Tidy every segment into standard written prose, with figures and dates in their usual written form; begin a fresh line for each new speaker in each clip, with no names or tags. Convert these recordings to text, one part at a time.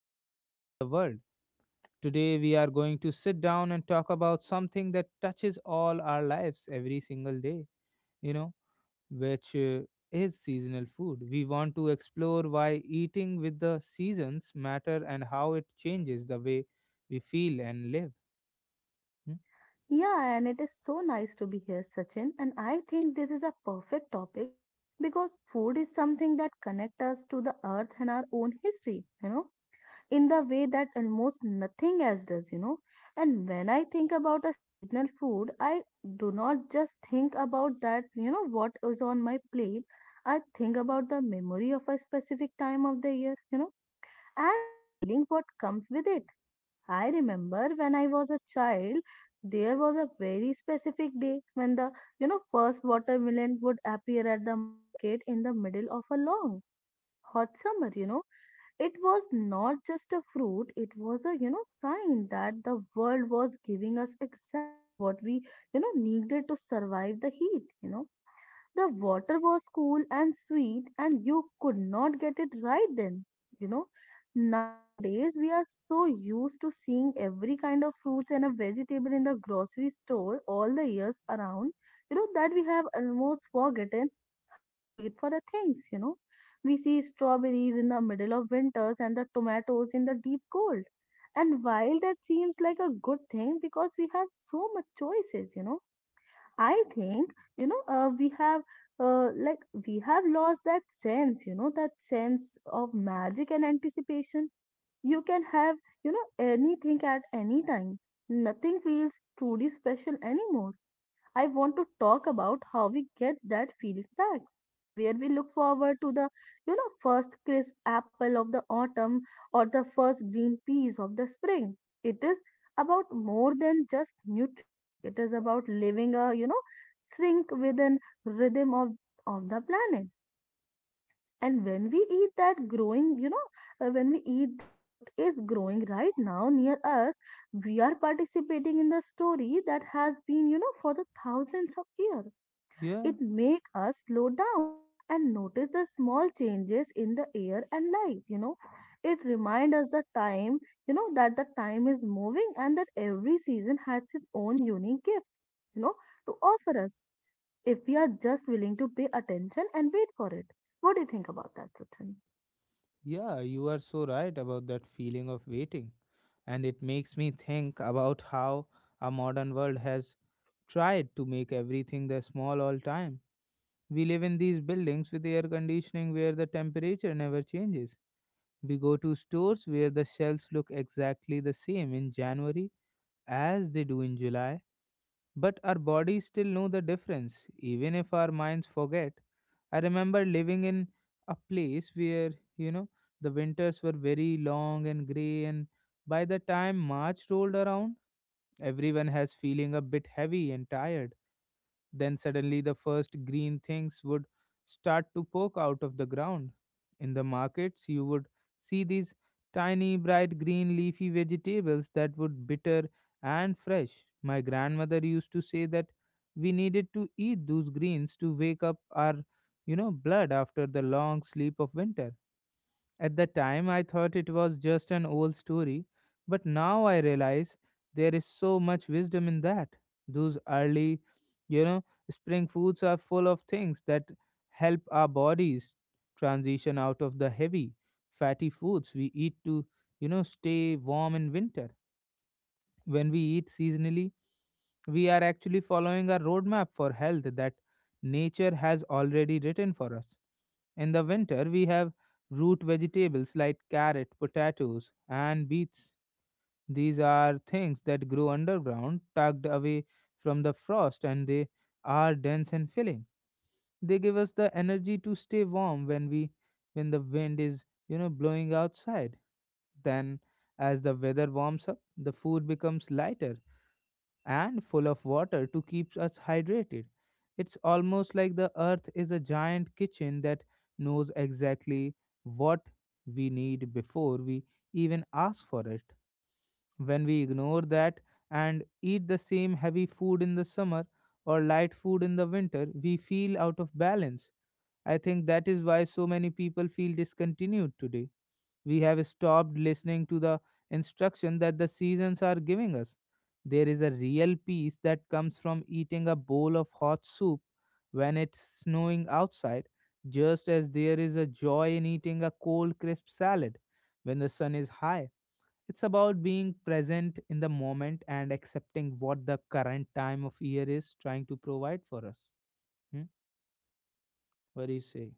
to look around the world. Today, we are going to sit down and talk about something that touches all our lives every single day. You know, which Is seasonal food. We want to explore why eating with the seasons matter and how it changes the way we feel and live. Hmm?
Yeah, and it is so nice to be here, Sachin. And I think this is a perfect topic because food is something that connects us to the earth and our own history, in the way that almost nothing else does. And when I think about a seasonal food, I do not just think about that, what is on my plate. I think about the memory of a specific time of the year, and the feeling what comes with it. I remember when I was a child, there was a very specific day when the, first watermelon would appear at the market in the middle of a long hot summer. It was not just a fruit, it was a, sign that the world was giving us exactly what we, needed to survive the heat. The water was cool and sweet, and you could not get it right then. You know, Nowadays we are so used to seeing every kind of fruits and a vegetable in the grocery store all the years around, that we have almost forgotten how to wait for the things. We see strawberries in the middle of winters and the tomatoes in the deep cold. And while that seems like a good thing because we have so much choices, I think, you know, uh, we have uh, like we have lost that sense, that sense of magic and anticipation. You can have, anything at any time. Nothing feels truly special anymore. I want to talk about how we get that feeling back, where we look forward to the first crisp apple of the autumn or the first green peas of the spring. It is about more than just nutrition. It is about living a sync with an rhythm of the planet. And when we eat that growing, you know, when we eat what is growing right now near us, we are participating in the story that has been for the thousands of years.
Yeah,
It make us slow down and notice the small changes in the air and light. It remind us the time, that the time is moving and that every season has its own unique gift, you know, to offer us if we are just willing to pay attention and wait for it. What do you think about that, Sachin?
yeah, you are so right about that feeling of waiting. And it makes me think about how our modern world has tried to make everything the small all time. We live in these buildings with air conditioning where the temperature never changes. We go to stores where the shelves look exactly the same in January as they do in July, but our bodies still know the difference, even if our minds forget. I remember living in a place where, you know, the winters were very long and grey, and by the time March rolled around, everyone has feeling a bit heavy and tired then suddenly the first green things would start to poke out of the ground. In the markets, you would see these tiny, bright green leafy vegetables that would bitter and fresh. My grandmother used to say that we needed to eat those greens to wake up our blood after the long sleep of winter. At the time, I thought it was just an old story, but now I realize there is so much wisdom in that. Those early, you know, Spring foods are full of things that help our bodies transition out of the heavy, fatty foods we eat to stay warm in winter. When we eat seasonally, we are actually following a roadmap for health that nature has already written for us. In the winter, we have root vegetables like carrot, potatoes, and beets. These are things that grow underground, tucked away from the frost, and they are dense and filling. They give us the energy to stay warm when we when the wind is blowing outside. Then as the weather warms up, the food becomes lighter and full of water to keep us hydrated. It's almost like the earth is a giant kitchen that knows exactly what we need before we even ask for it. When we ignore that and eat the same heavy food in the summer or light food in the winter, we feel out of balance. I think that is why so many people feel discontinued today. We have stopped listening to the instruction that the seasons are giving us. There is a real peace that comes from eating a bowl of hot soup when it's snowing outside, just as there is a joy in eating a cold, crisp salad when the sun is high. It's about being present in the moment and accepting what the current time of year is trying to provide for us. Hmm? What do you say?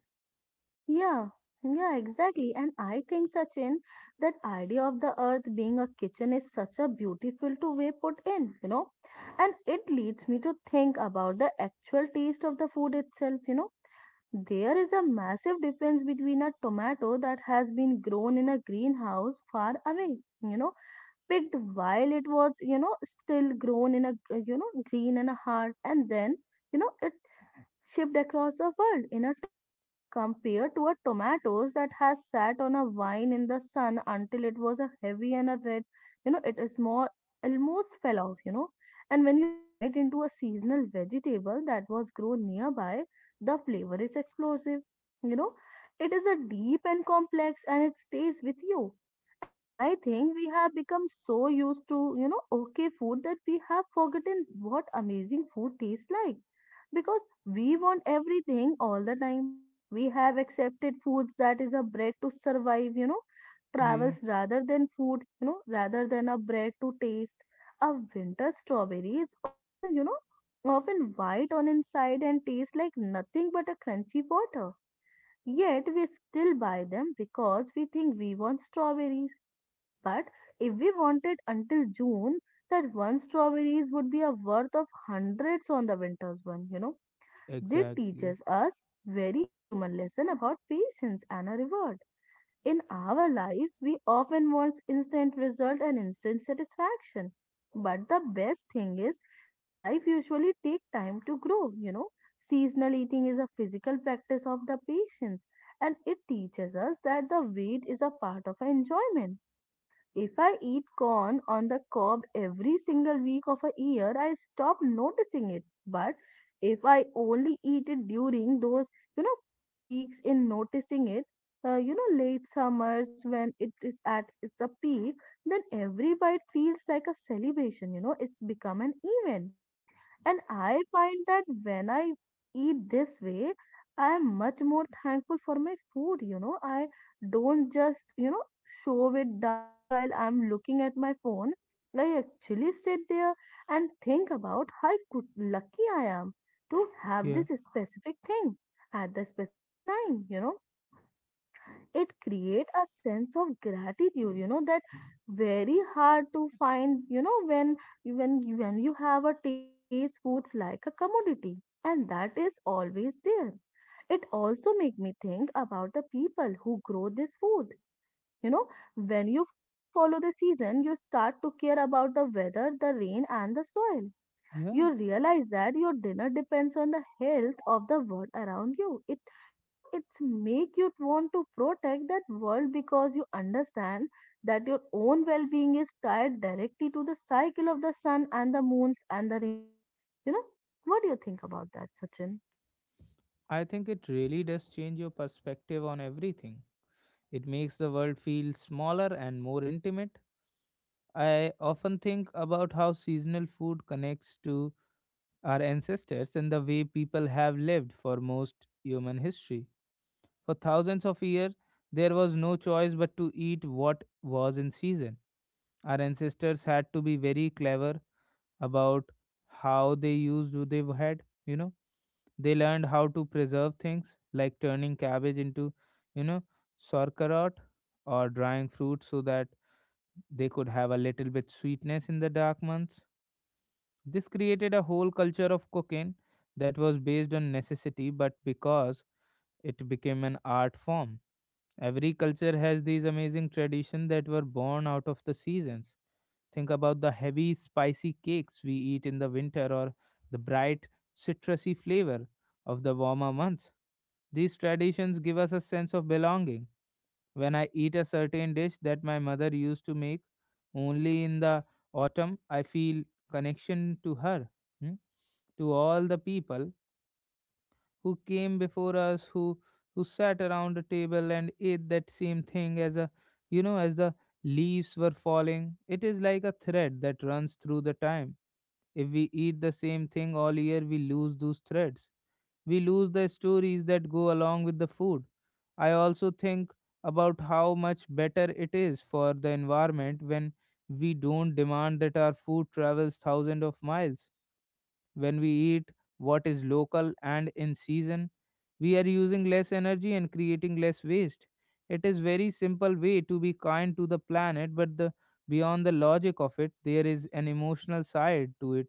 Yeah, yeah, exactly. And I think, Sachin, that idea of the earth being a kitchen is such a beautiful to way put in. And it leads me to think about the actual taste of the food itself. There is a massive difference between a tomato that has been grown in a greenhouse far away, you know, picked while it was, still grown in a green and a hard, and then, it shipped across the world in a truck compared to a tomatoes that has sat on a vine in the sun until it was a heavy and a red. It is more almost fell off. And when you bite into a seasonal vegetable that was grown nearby, the flavor is explosive you know it is a deep and complex, and it stays with you. And I think we have become so used to okay food that we have forgotten what amazing food tastes like because we want everything all the time. We have accepted foods that is a bread to survive,
Yeah.
travels rather than food, rather than a bread to taste. A winter strawberry is often, often white on inside and tastes like nothing but a crunchy water. Yet we still buy them because we think we want strawberries. But if we wanted until June, that one strawberries would be a worth of hundreds on the winter's one. It
Exactly.
teaches us very human lesson about patience and a reward. In our lives, we often want instant result and instant satisfaction. But the best thing is, life usually take time to grow. Seasonal eating is a physical practice of the patience, and it teaches us that the wait is a part of enjoyment. If I eat corn on the cob every single week of a year, I stop noticing it. But if I only eat it during those, few weeks in noticing it, late summers when it is at its a peak, then every bite feels like a celebration. It's become an event. And I find that when I eat this way, I am much more thankful for my food. I don't just, shove it down while I'm looking at my phone. I actually sit there and think about how good, lucky I am to have
Yeah.
this specific thing at the specific time. It create a sense of gratitude, that very hard to find when when you have a taste foods like a commodity and that is always there. It also make me think about the people who grow this food you know when you follow the season, you start to care about the weather, the rain, and the soil.
Yeah.
You realize that your dinner depends on the health of the world around you. It's make you want to protect that world because you understand that your own well-being is tied directly to the cycle of the sun and the moons and the rain you know what do you think about that, Sachin?
I think it really does change your perspective on everything. It makes the world feel smaller and more intimate. I often think about how seasonal food connects to our ancestors and the way people have lived for most human history. For thousands of years, there was no choice but to eat what was in season. Our ancestors had to be very clever about how they used what they had. You know, they learned how to preserve things like turning cabbage into, you know, sauerkraut, or drying fruit so that they could have a little bit sweetness in the dark months. This created a whole culture of cooking that was based on necessity, but because it became an art form. Every culture has these amazing traditions that were born out of the seasons. Think about the heavy, spicy cakes we eat in the winter or the bright, citrusy flavor of the warmer months. These traditions give us a sense of belonging. When I eat a certain dish that my mother used to make only in the autumn, I feel connection to her, hmm, to all the people who came before us who sat around a table and ate that same thing as a, as the leaves were falling. It is like a thread that runs through the time. If we eat the same thing all year, we lose those threads. We lose the stories that go along with the food. I also think about how much better it is for the environment when we don't demand that our food travels thousands of miles. When we eat what is local and in season, we are using less energy and creating less waste. It is very simple way to be kind to the planet, but the beyond the logic of it, there is an emotional side to it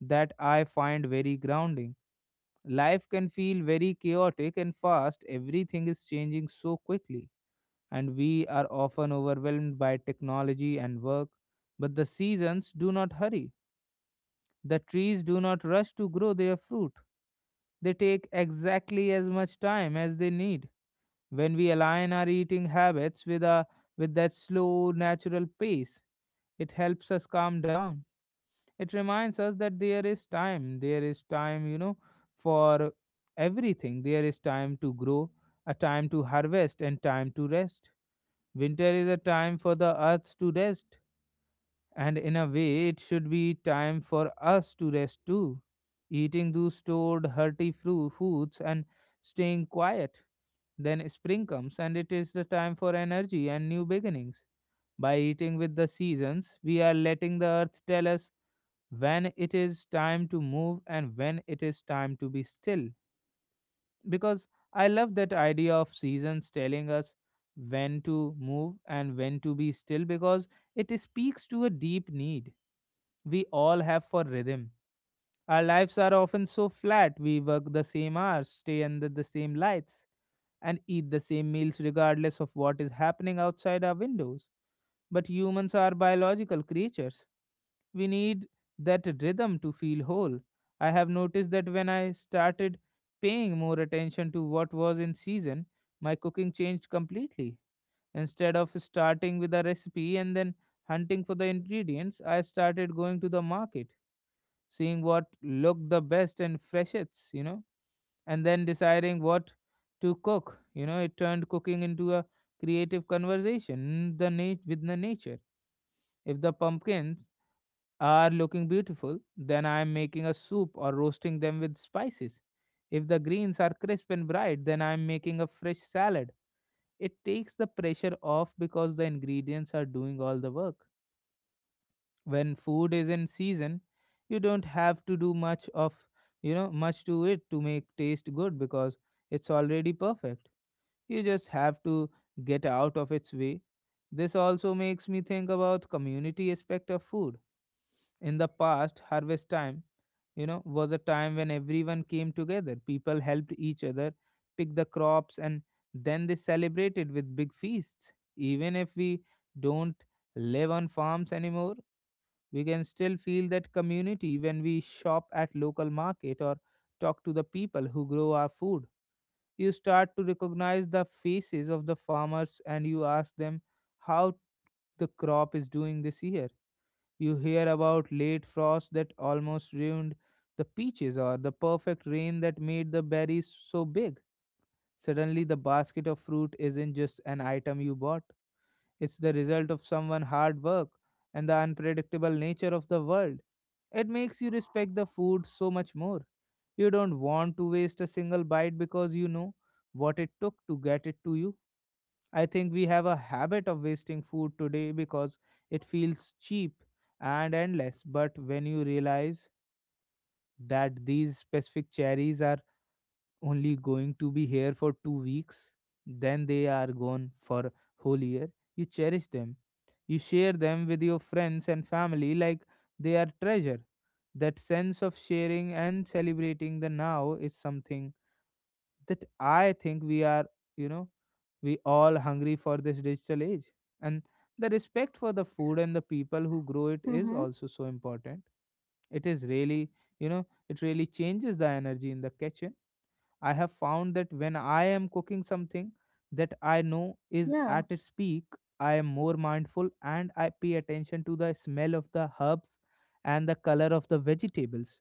that I find very grounding. Life can feel very chaotic and fast. Everything is changing so quickly, and we are often overwhelmed by technology and work. But the seasons do not hurry. The trees do not rush to grow their fruit. They take exactly as much time as they need. When we align our eating habits with that slow, natural pace, it helps us calm down. It reminds us that there is time. There is time, you know, for everything. There is time to grow, a time to harvest, and time to rest. Winter is a time for the earth to rest, and in a way, it should be time for us to rest too. Eating those stored foods and staying quiet. Then spring comes, and it is the time for energy and new beginnings. By eating with the seasons, we are letting the earth tell us when it is time to move and when it is time to be still. Because I love that idea of seasons telling us when to move and when to be still, because it speaks to a deep need we all have for rhythm. Our lives are often so flat. We work the same hours, stay under the same lights, and eat the same meals regardless of what is happening outside our windows. But humans are biological creatures. We need that rhythm to feel whole. I have noticed that when I started paying more attention to what was in season, my cooking changed completely. Instead of starting with a recipe and then hunting for the ingredients, I started going to the market, seeing what looked the best and freshets, and then deciding what to cook. You know, it turned cooking into a creative conversation with the nature. If the pumpkins are looking beautiful, then I am making a soup or roasting them with spices. If the greens are crisp and bright, then I am making a fresh salad. It takes the pressure off because the ingredients are doing all the work. When food is in season, you don't have to do much of you know much to it to make taste good, because it's already perfect. You just have to get out of its way. This also makes me think about community aspect of food. In the past, harvest time, you know, was a time when everyone came together. People helped each other pick the crops, and then they celebrated with big feasts. Even if we don't live on farms anymore, we can still feel that community when we shop at local market or talk to the people who grow our food. You start to recognize the faces of the farmers and you ask them how the crop is doing this year. You hear about late frost that almost ruined the peaches or the perfect rain that made the berries so big. Suddenly, the basket of fruit isn't just an item you bought, it's the result of someone's hard work and the unpredictable nature of the world. It makes you respect the food so much more. You don't want to waste a single bite because you know what it took to get it to you. I think we have a habit of wasting food today because it feels cheap and endless. But when you realize that these specific cherries are only going to be here for 2 weeks, then they are gone for whole year, you cherish them, you share them with your friends and family like they are treasure. That sense of sharing and celebrating the now is something that I think we are, you know we all hungry for this digital age. And the respect for the food and the people who grow it is
Mm-hmm.
also so important. It is really, it really changes the energy in the kitchen. I have found that when I am cooking something that I know is
Yeah,
at its peak, I am more mindful and I pay attention to the smell of the herbs and the color of the vegetables.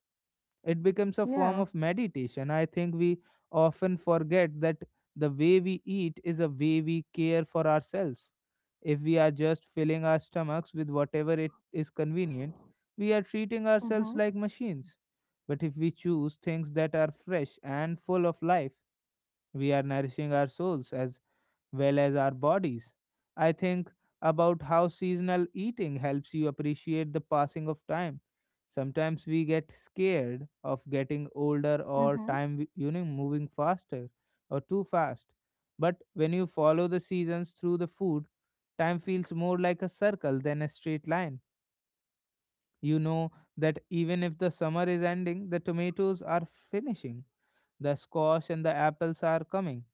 It becomes a form
yeah.
of meditation. I think we often forget that the way we eat is a way we care for ourselves. If we are just filling our stomachs with whatever it is convenient, we are treating ourselves
Mm-hmm,
like machines. But if we choose things that are fresh and full of life, we are nourishing our souls as well as our bodies. I think about how seasonal eating helps you appreciate the passing of time. Sometimes we get scared of getting older, or
mm-hmm.
time moving faster or too fast. But when you follow the seasons through the food, time feels more like a circle than a straight line. You know that even if the summer is ending, the tomatoes are finishing, the squash and the apples are coming,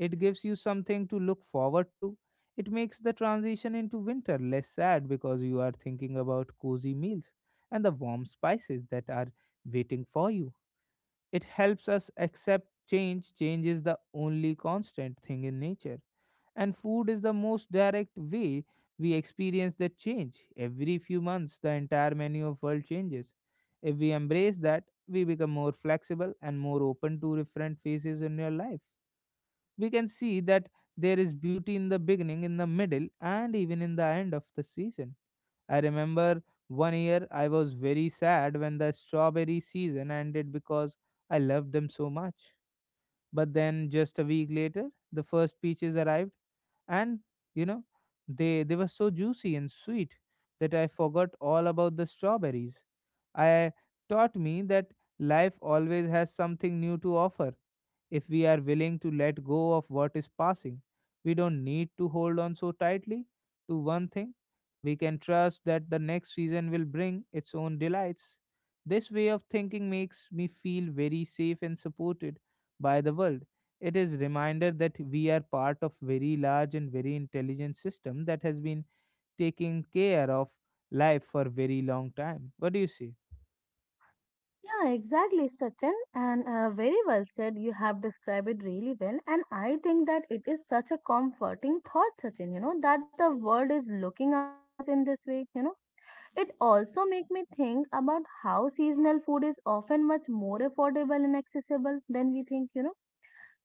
it gives you something to look forward to. It makes the transition into winter less sad because you are thinking about cozy meals and the warm spices that are waiting for you. It helps us accept change. Change is the only constant thing in nature, and food is the most direct way we experience that change. Every few months the entire menu of world changes. If we embrace that, we become more flexible and more open to different phases in your life. We can see that there is beauty in the beginning, in the middle, and even in the end of the season. I remember one year I was very sad when the strawberry season ended because I loved them so much. But then just a week later, the first peaches arrived, and you know, they were so juicy and sweet that I forgot all about the strawberries. I taught me that life always has something new to offer if we are willing to let go of what is passing. We don't need to hold on so tightly to one thing. We can trust that the next season will bring its own delights. This way of thinking makes me feel very safe and supported by the world. It is reminder that we are part of very large and very intelligent system that has been taking care of life for very long time. What do you say?
Yeah, exactly, Sachin. And very well said. You have described it really well. And I think that it is such a comforting thought, Sachin, that the world is looking after us in this way. It also make me think about how seasonal food is often much more affordable and accessible than we think.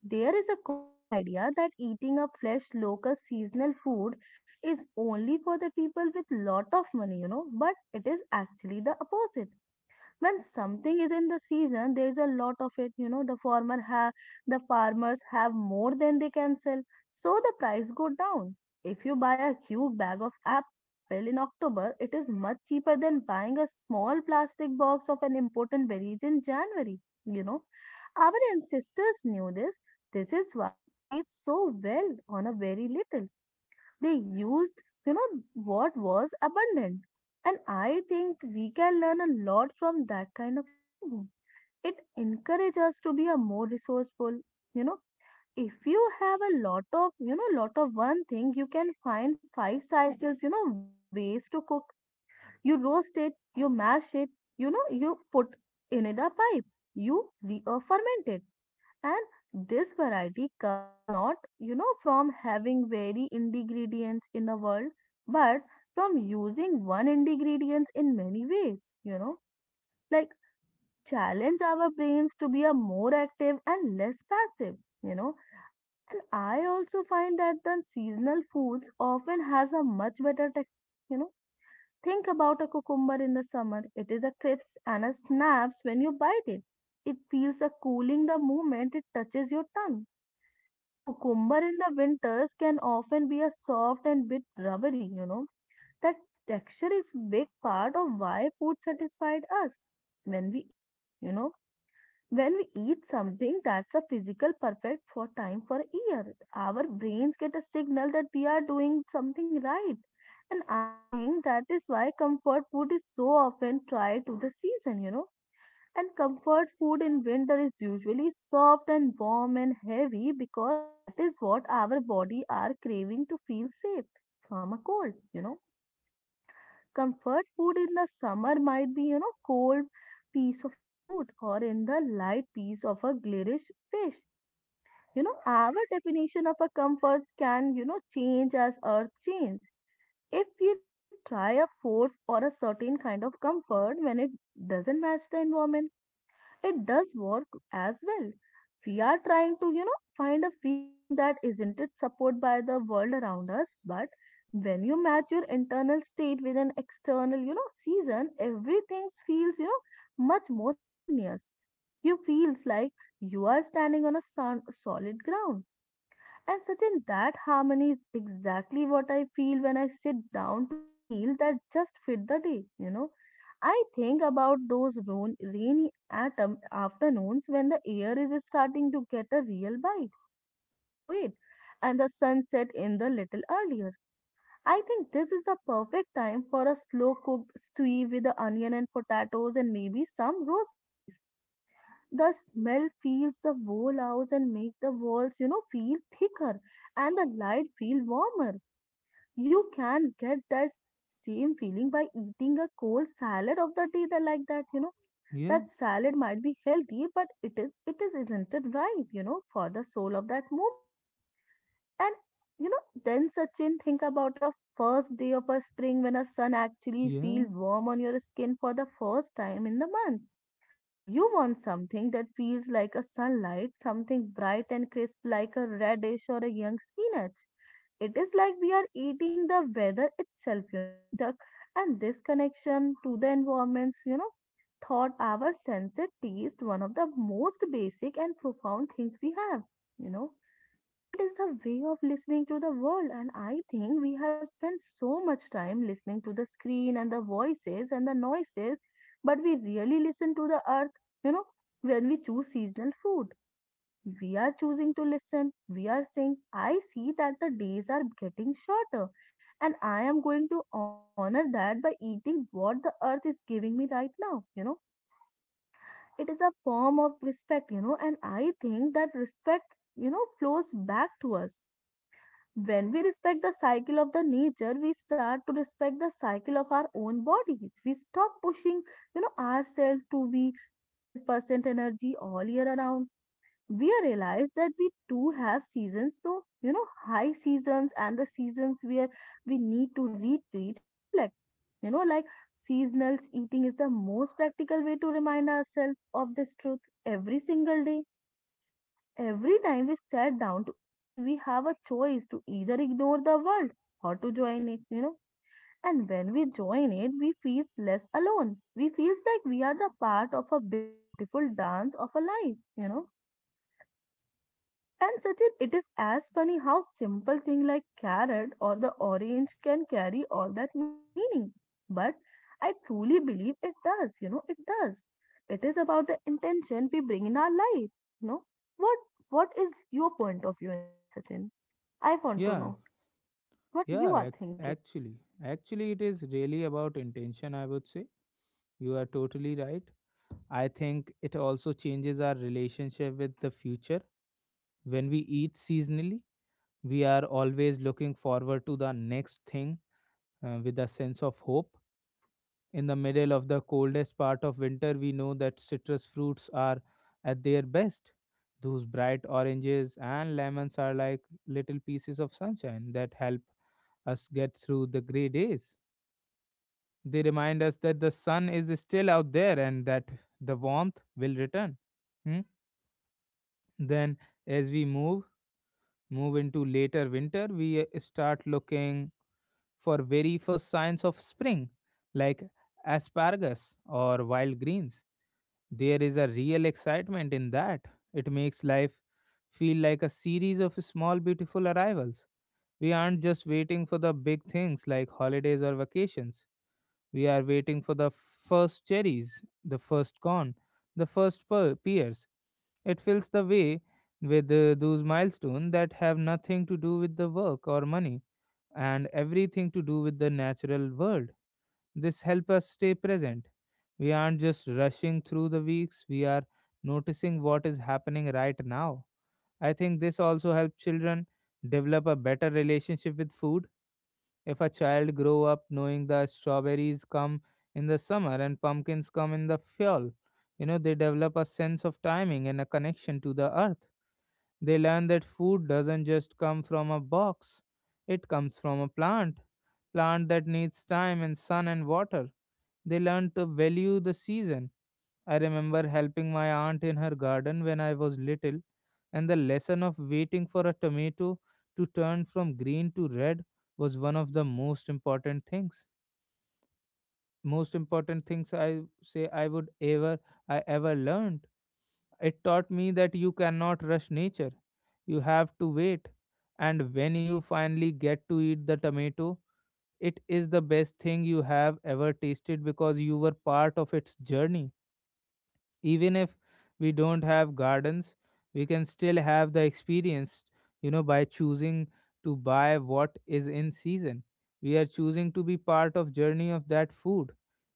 There is a common idea that eating a fresh, local, seasonal food is only for the people with lot of money, but it is actually the opposite. When something is in the season, there is a lot of it. The farmers have more than they can sell, so the price go down. If you buy a huge bag of apple in October, it is much cheaper than buying a small plastic box of an important berries in January you know our ancestors knew this. This is why they ate so well on a very little. They used, what was abundant. And I think we can learn a lot from that kind of economy. It encourages us to be a more resourceful, you know. If you have a lot of, lot of one thing, you can find five cycles, ways to cook. You roast it, you mash it, you put in it a pipe, you re-ferment it. And this variety comes not, from having very ingredients in a world, but from using one ingredients in many ways, you know, like it challenge our brains to be a more active and less passive, you know. And I also find that the seasonal foods often has a much better texture. Think about a cucumber in the summer. It is a crisp and a snaps when you bite it. It feels a cooling the moment it touches your tongue and a cucumber in the winters can often be a soft and bit rubbery. That texture is big part of why food satisfied us when we eat it. When we eat something that's a physical perfect for time for a year, our brains get a signal that we are doing something right. And I think that is why comfort food is so often tied to the season. And comfort food in winter is usually soft and warm and heavy because that is what our body are craving to feel safe from a cold. Comfort food in the summer might be, cold piece of a fruit or in the light piece of a glarish fish. Our definition of a comforts can, change as earth change. If we try a force or a certain kind of comfort when it doesn't match the environment, it does work as well. We are trying to, find a feeling that isn't it supported by the world around us, but when you match your internal state with an external, season, everything feels, much more harmonious. You feels like you are standing on a solid ground and certain that harmony is exactly what I feel when I sit down to a meal that just fit the day, you know. I think about those rainy autumn afternoons when the air is starting to get a real bite, you know, to it, and the sun set in the little earlier. I think this is the perfect time for a slow cooked stew with the onion and potatoes and maybe some rosemarys, the smell fills the whole house and make the walls, you know, feel thicker and the light feel warmer. You can get that same feeling by eating a cold salad of the day that like that, you know.
Yeah,
That salad might be healthy, but it is isn't it right, you know, for the soul of that moment. And, you know, then Sachin, think about a first day of a spring when a sun actually
yeah,
feels warm on your skin for the first time in the month. You want something that feels like a sunlight, something bright and crisp like a radish or a young spinach. It is like we are eating the weather itself, you know. And this connection to the environments, you know, thought our senses taste one of the most basic and profound things we have, you know. It is the way of listening to the world, and I think we have spent so much time listening to the screen and the voices and the noises, but we really listen to the earth. You know, when we choose seasonal food, we are choosing to listen. We are saying, I see that the days are getting shorter, and I am going to honor that by eating what the earth is giving me right now. You know, it is a form of respect, you know, and I think that respect, you know, flows back to us. When we respect the cycle of the nature, we start to respect the cycle of our own bodies. We stop pushing, you know, ourselves to be 100% energy all year around. We realize that we too have seasons, so, you know, high seasons and the seasons where we need to retreat and reflect. You know, like seasonal eating is the most practical way to remind ourselves of this truth every single day. Every time we sat down to eat, we have a choice to either ignore the world or to join it, you know. And when we join it, we feel less alone. We feel like we are the part of a big, beautiful dance of a life, you know. And Sachin, it is as funny how simple thing like carrot or the orange can carry all that meaning. But I truly believe it does, you know, it does. It is about the intention we bring in our life. You know, what what is your point of view in that, Sachin? I want to
yeah,
know what you
yeah.
are thinking.
Actually, actually, it is really about intention. I would say you are totally right. I think it also changes our relationship with the future. When we eat seasonally, we are always looking forward to the next thing with a sense of hope. In the middle of the coldest part of winter, we know that citrus fruits are at their best. Those bright oranges and lemons are like little pieces of sunshine that help us get through the gray days. They remind us that the sun is still out there and that the warmth will return. Hmm? Then, as we move into later winter, we start looking for very first signs of spring, like asparagus or wild greens. There is a real excitement in that. It makes life feel like a series of small, beautiful arrivals. We aren't just waiting for the big things like holidays or vacations. We are waiting for the first cherries, the first corn, the first pears. It fills the way with those milestones that have nothing to do with the work or money, and everything to do with the natural world. This helps us stay present. We aren't just rushing through the weeks, we are noticing what is happening right now. I think this also helps children develop a better relationship with food. If a child grow up knowing the strawberries come in the summer and pumpkins come in the fall, you know, they develop a sense of timing and a connection to the earth. They learn that food doesn't just come from a box, it comes from a plant that needs time and sun and water. They learn to value the season. I remember helping my aunt in her garden when I was little, and the lesson of waiting for a tomato to turn from green to red was one of the most important things I say I would ever I ever learned. It taught me that you cannot rush nature, you have to wait. And when you finally get to eat the tomato, it is the best thing you have ever tasted because you were part of its journey. Even if we don't have gardens, we can still have the experience, by choosing to buy what is in season. We are choosing to be part of journey of that food.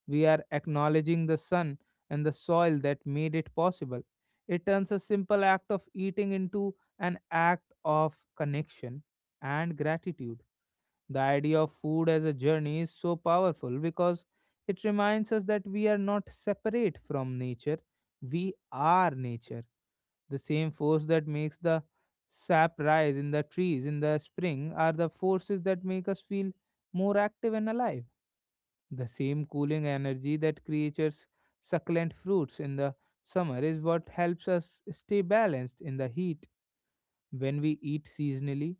We are acknowledging the sun and the soil that made it possible. It turns a simple act of eating into an act of connection and gratitude. The idea of food as a journey is so powerful because it reminds us that we are not separate from nature, we are nature. The same force that makes the sap rise in the trees in the spring are the forces that make us feel more active and alive. The same cooling energy that creates succulent fruits in the summer is what helps us stay balanced in the heat. When we eat seasonally,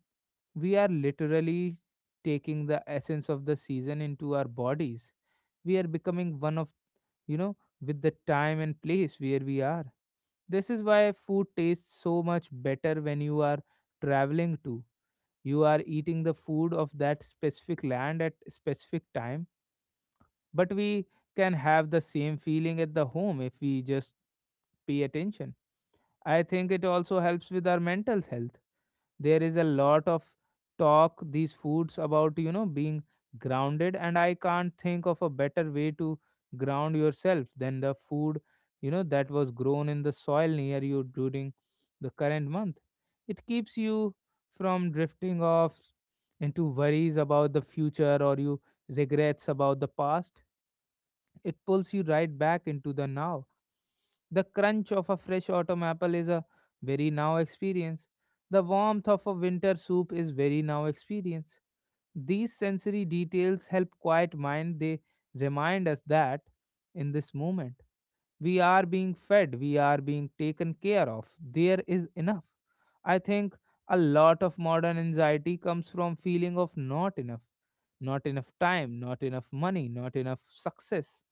we are literally taking the essence of the season into our bodies. We are becoming one of, you know, with the time and place where we are. This is why food tastes so much better when you are traveling to. You are eating the food of that specific land at specific time, but we can have the same feeling at the home if we just pay attention. I think it also helps with our mental health. There is a lot of talk these foods about, being grounded, and I can't think of a better way to ground yourself than the food, that was grown in the soil near you during the current month. It keeps you from drifting off into worries about the future or you regrets about the past. It pulls you right back into the now. The crunch of a fresh autumn apple is a very now experience. The warmth of a winter soup is very now experience. These sensory details help quiet mind. They remind us that in this moment we are being fed, we are being taken care of. There is enough. I think a lot of modern anxiety comes from feeling of not enough. Not enough time, not enough money, not enough success.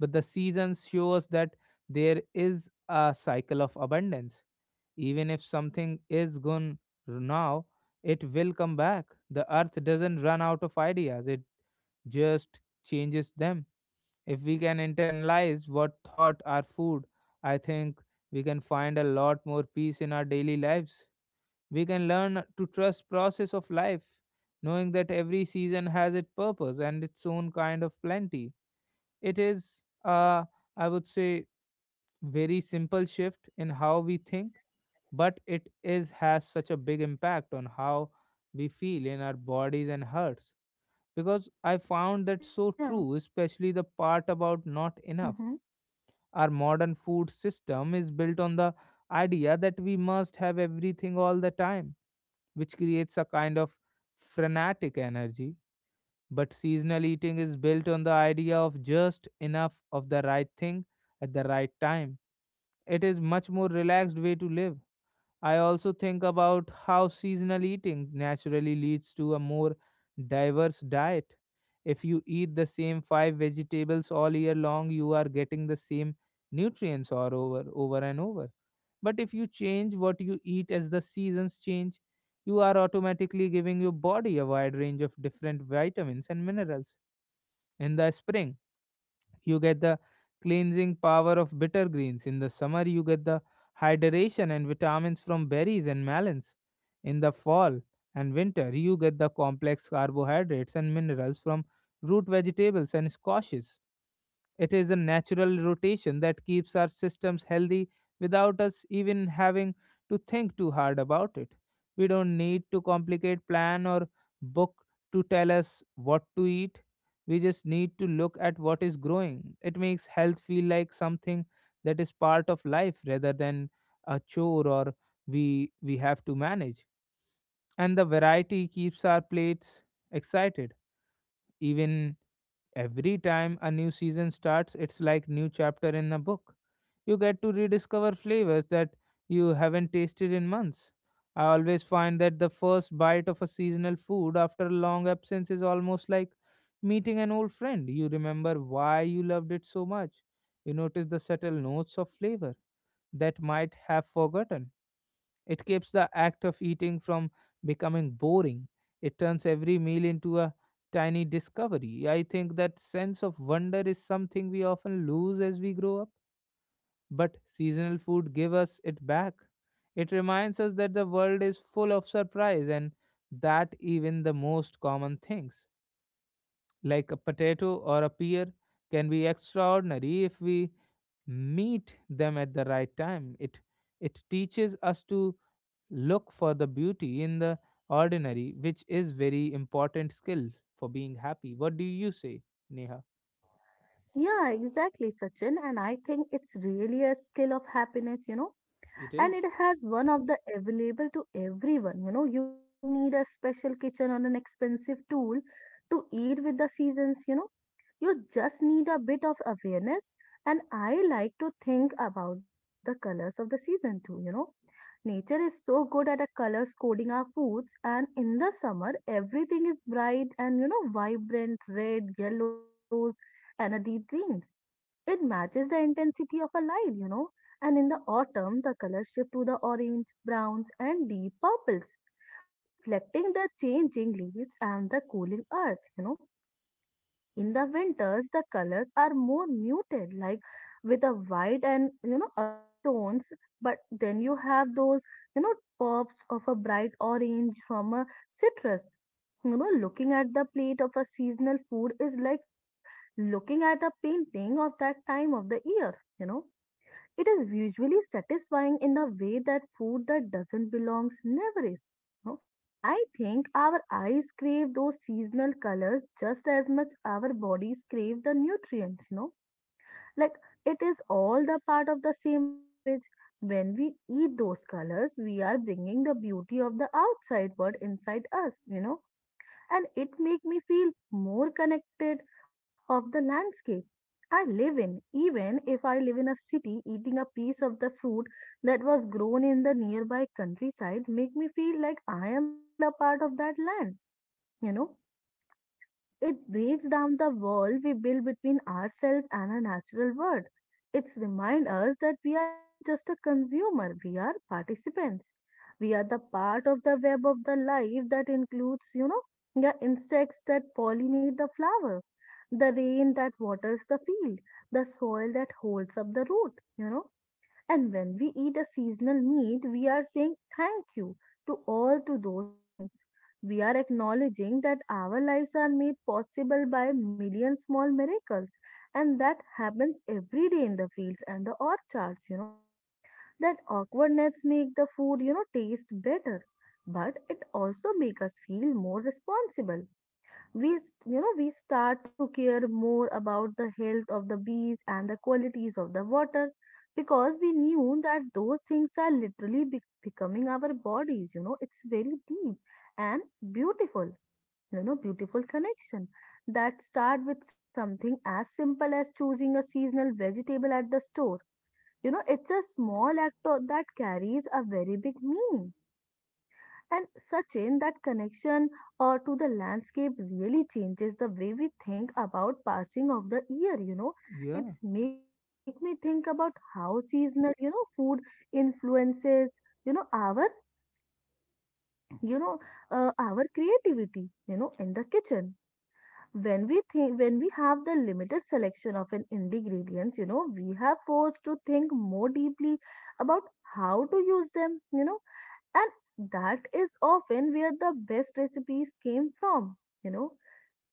But the seasons shows that there is a cycle of abundance. Even if something is gone now, it will come back. The earth doesn't run out of ideas, it just changes them. If we can internalize what thought are food, I think we can find a lot more peace in our daily lives. We can learn to trust process of life, knowing that every season has its purpose and its own kind of plenty. It is, I would say, very simple shift in how we think, but it is has such a big impact on how we feel in our bodies and hearts. Because I found that
Yeah.
so true, especially the part about not
Mm-hmm.
enough. Our modern food system is built on the idea that we must have everything all the time, which creates a kind of frenetic energy, but seasonal eating is built on the idea of just enough of the right thing at the right time. It is much more relaxed way to live. I also think about how seasonal eating naturally leads to a more diverse diet. If you eat the same five vegetables all year long, you are getting the same nutrients all over and over. But if you change what you eat as the seasons change, you are automatically giving your body a wide range of different vitamins and minerals. In the spring you get the cleansing power of bitter greens. In the summer you get the hydration and vitamins from berries and melons. In the fall and winter you get the complex carbohydrates and minerals from root vegetables and squashes. It is a natural rotation that keeps our systems healthy without us even having to think too hard about it. We don't need to complicate plan or book to tell us what to eat. We just need to look at what is growing. It makes health feel like something that is part of life rather than a chore or we have to manage. And the variety keeps our plates excited. Even Every time a new season starts, it's like new chapter in a book. You get to rediscover flavors that you haven't tasted in months. I always find that the first bite of a seasonal food after a long absence is almost like meeting an old friend. You remember why you loved it so much. You notice the subtle notes of flavor that might have forgotten it keeps the act of eating from becoming boring. It turns every meal into a tiny discovery. I think that sense of wonder is something we often lose as we grow up, but seasonal food give us it back. It reminds us that the world is full of surprise and that even the most common things like a potato or a pear, can be extraordinary if we meet them at the right time. It teaches us to look for the beauty in the ordinary, which is very important skill for being happy. What do you say, Neha?
Yeah, exactly, Sachin. And I think it's really a skill of happiness, you know.
It
And
is.
it has one of the available to everyone, you know. You don't need a special kitchen or an expensive tool to eat with the seasons, you know. You just need a bit of awareness. And I like to think about the colors of the season too, you know. Nature is so good at a colors coding our foods, and in the summer everything is bright and, you know, vibrant red yellows and a deep greens. It matches the intensity of a light, you know. And in the autumn, the colors shift to the orange, browns, and deep purples, reflecting the changing leaves and the cooling earth, you know. In the winters, the colors are more muted, like with a white and, you know, earthy tones. But then you have those, you know, pops of a bright orange from a citrus. You know, looking at the plate of a seasonal food is like looking at a painting of that time of the year. You know, it is usually satisfying in a way that food that doesn't belong never is. No? I think our eyes crave those seasonal colors just as much our bodies crave the nutrients, you know. Like it is all the part of the same language. When we eat those colors, we are bringing the beauty of the outside world inside us, you know, and it make me feel more connected of the landscape I live in. Even if I live in a city, eating a piece of the fruit that was grown in the nearby countryside make me feel like I am still a part of that land, you know. It breaks down the wall we build between ourselves and our natural world. It's remind us that we are not just a consumer, we are participants. We are the part of the web of the life that includes, you know, the insects that pollinate the flower, the rain that waters the field, the soil that holds up the root, you know. And when we eat a seasonal meat, we are saying thank you to all to those things. We are acknowledging that our lives are made possible by million small miracles, and that happens every day in the fields and the orchards, you know. That awkwardness make the food, you know, taste better, but it also make us feel more responsible. We You know, we start to care more about the health of the bees and the qualities of the water, because we knew that those things are literally becoming our bodies, you know. It's very deep and beautiful, you know, beautiful connection that start with something as simple as choosing a seasonal vegetable at the store, you know. It's a small act that carries a very big meaning. And Sachin, that connection, to the landscape really changes the way we think about passing of the year, you know.
Yeah,
It's make me think about how seasonal, you know, food influences, you know, our, you know, our creativity, you know, in the kitchen. When we have the limited selection of an ingredients, you know, we have forced to think more deeply about how to use them, you know, and that is often where the best recipes came from, you know.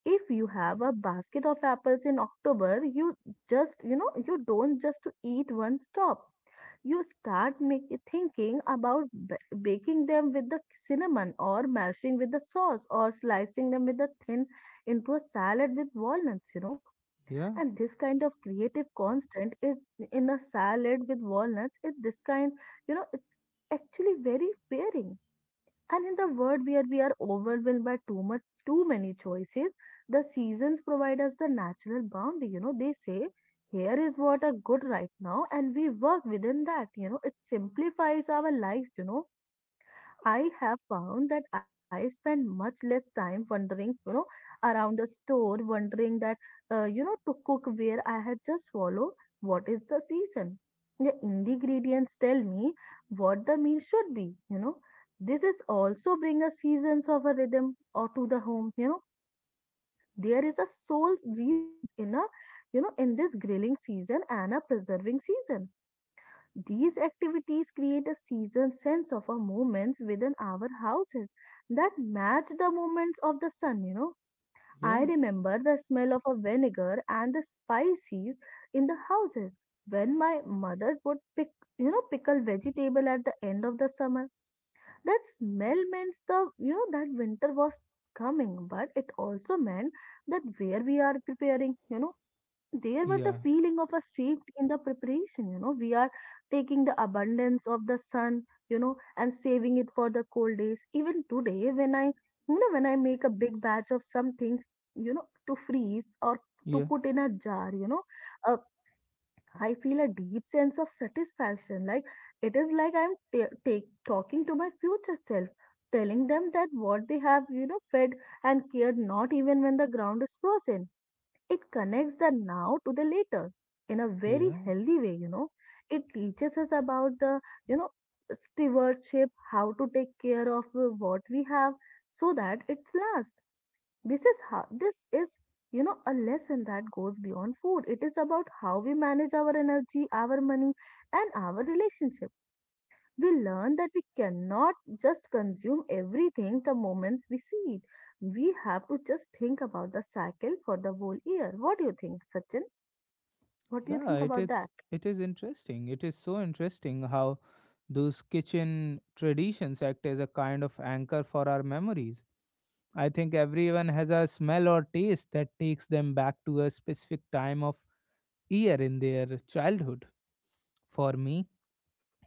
If you have a basket of apples in October, you, just, you know, you don't just to eat one stop. You start thinking about baking them with the cinnamon or mashing with the sauce or slicing them with a thin into a salad with walnuts, you know.
yeah,
And this kind of creative constant is in a salad with walnuts. It this kind, you know, it's actually very pairing. And in the world where we are overwhelmed by too much, too many choices, the seasons provide us the natural boundary. You know, they say, here is what are good right now, and we work within that. You know, it simplifies our lives, you know. I have found that I spend much less time wandering, you know, around the store, wondering that, you know, to cook where I had just follow what is the season. The ingredients tell me what the meal should be, you know. This is also bring a seasons of a rhythm or to the home, you know. There is a soul's reasons in a, you know, in this grilling season and a preserving season. These activities create a seasonal sense of our moments within our houses that match the moments of the sun, you know. I
yeah,
remember the smell of a vinegar and the spices in the houses when my mother would you know, pickle vegetable at the end of the summer. That smell means the, you know, that winter was coming, but it also meant that where we are preparing, you know, there were the
yeah,
feeling of a safety in the preparation, you know. We are taking the abundance of the sun, you know, and saving it for the cold days. Even today, when I, you know, when I make a big batch of something, you know, to freeze or to
yeah,
put in a jar, you know, uh, I feel a deep sense of satisfaction, like it is like I'm talking to my future self, telling them that what they have, you know, fed and cared not even when the ground is frozen. It connects the now to the later in a very
yeah.
healthy way, you know. It teaches us about the, you know, stewardship, how to take care of, what we have so that it's last. This is how this is, you know, a lesson that goes beyond food. It is about how we manage our energy, our money, and our relationship. We learn that we cannot just consume everything the moments we see it. We have to just think about the cycle for the whole year. What do you think, Sachin? What do you
Yeah,
think
it
about
is
that?
it is interesting. It is so interesting how those kitchen traditions act as a kind of anchor for our memories. I think everyone has a smell or taste that takes them back to a specific time of year in their childhood. For me,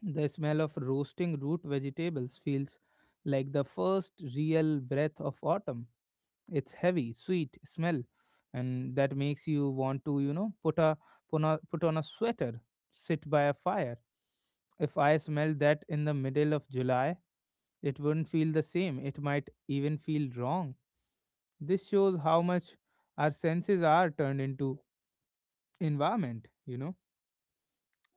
the smell of roasting root vegetables feels like the first real breath of autumn. It's heavy, sweet smell, and that makes you want to, put on a sweater, sit by a fire. If I smelled that in the middle of July, it wouldn't feel the same. It might even feel wrong. This shows how much our senses are turned into environment, you know.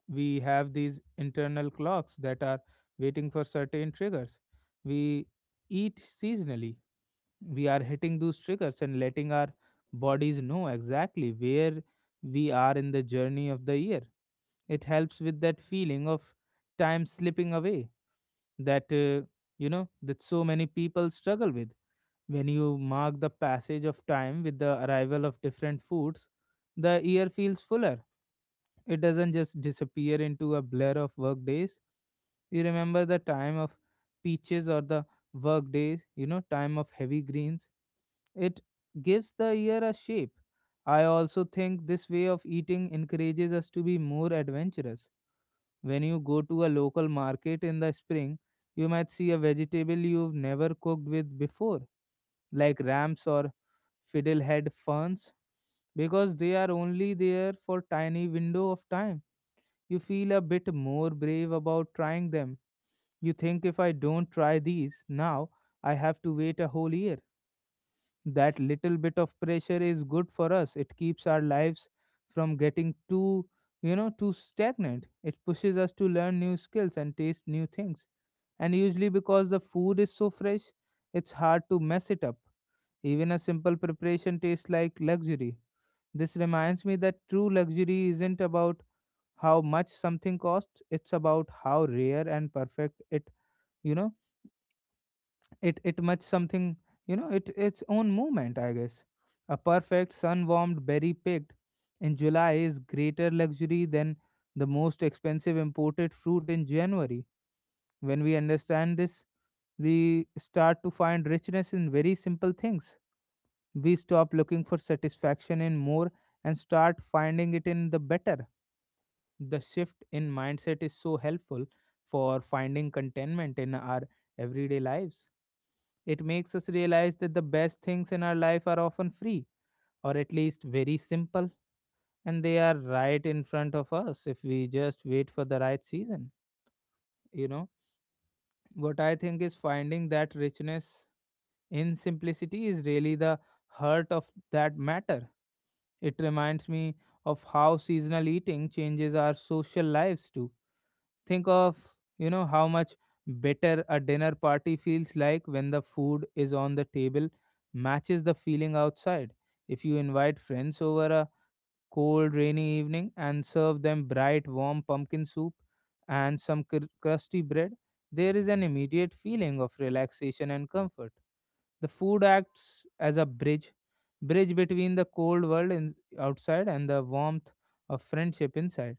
We have these internal clocks that are waiting for certain triggers. We eat seasonally, we are hitting those triggers and letting our bodies know exactly where we are in the journey of the year. It helps with that feeling of time slipping away that, uh, you know, that so many people struggle with. When you mark the passage of time with the arrival of different foods, the year feels fuller. It doesn't just disappear into a blur of work days. You remember the time of peaches or the work days, you know, time of heavy greens it gives the year a shape. I also think this way of eating encourages us to be more adventurous. When you go to a local market in the spring, you might see a vegetable you've never cooked with before, like ramps or fiddlehead ferns, because they are only there for tiny window of time. You feel a bit more brave about trying them. You think if I don't try these now, I have to wait a whole year that little bit of pressure is good for us it keeps our lives from getting too you know too stagnant. It pushes us to learn new skills and taste new things, and usually because the food is so fresh it's hard to mess it up. Even a simple preparation tastes like luxury. This reminds me that true luxury isn't about how much something costs, it's about how rare and perfect you know it much something, you know, it its own movement, I guess. A perfect sun warmed berry picked in July is greater luxury than the most expensive imported fruit in January. When we understand this, we start to find richness in very simple things. We stop looking for satisfaction in more and start finding it in the better. The shift in mindset is so helpful for finding contentment in our everyday lives. It makes us realize that the best things in our life are often free, or at least very simple, and they are right in front of us if we just wait for the right season. You know, what I think is finding that richness in simplicity is really the heart of that matter. It reminds me of how seasonal eating changes our social lives too. Think of, you know, how much better a dinner party feels like when the food is on the table matches the feeling outside. If you invite friends over a cold, rainy evening and serve them bright, warm pumpkin soup and some crusty bread, there is an immediate feeling of relaxation and comfort. The food acts as a bridge between the cold world in, outside and the warmth of friendship inside.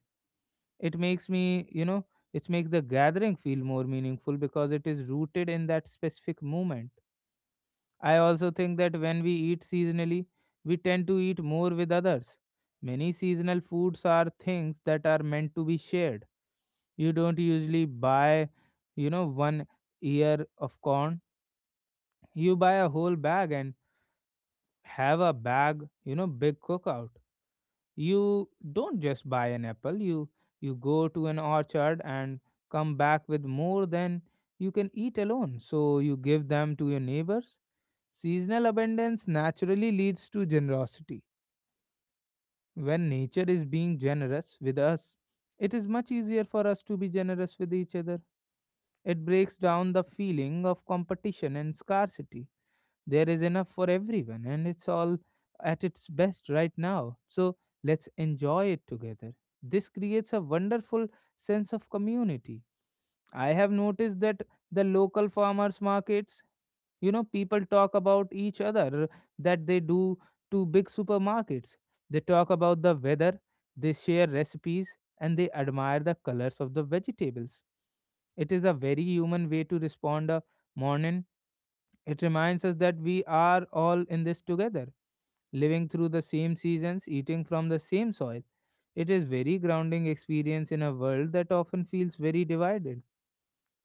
It makes me, you know, it makes the gathering feel more meaningful because it is rooted in that specific moment. I also think that when we eat seasonally we tend to eat more with others. Many seasonal foods are things that are meant to be shared. You don't usually buy, you know, one ear of corn. You buy a whole bag and have a bag, you know, big cookout. You don't just buy an apple, you go to an orchard and come back with more than you can eat alone. So you give them to your neighbors. Seasonal abundance naturally leads to generosity. When nature is being generous with us, it is much easier for us to be generous with each other. It breaks down the feeling of competition and scarcity. There is enough for everyone, and it's all at its best right now. So let's enjoy it together. This creates a wonderful sense of community. I have noticed that the local farmers markets, you know, people talk about each other that they do to big supermarkets. They talk about the weather, they share recipes, and they admire the colors of the vegetables. It is a very human way to respond a morning. It reminds us that we are all in this together, living through the same seasons, eating from the same soil. It is very grounding experience in a world that often feels very divided.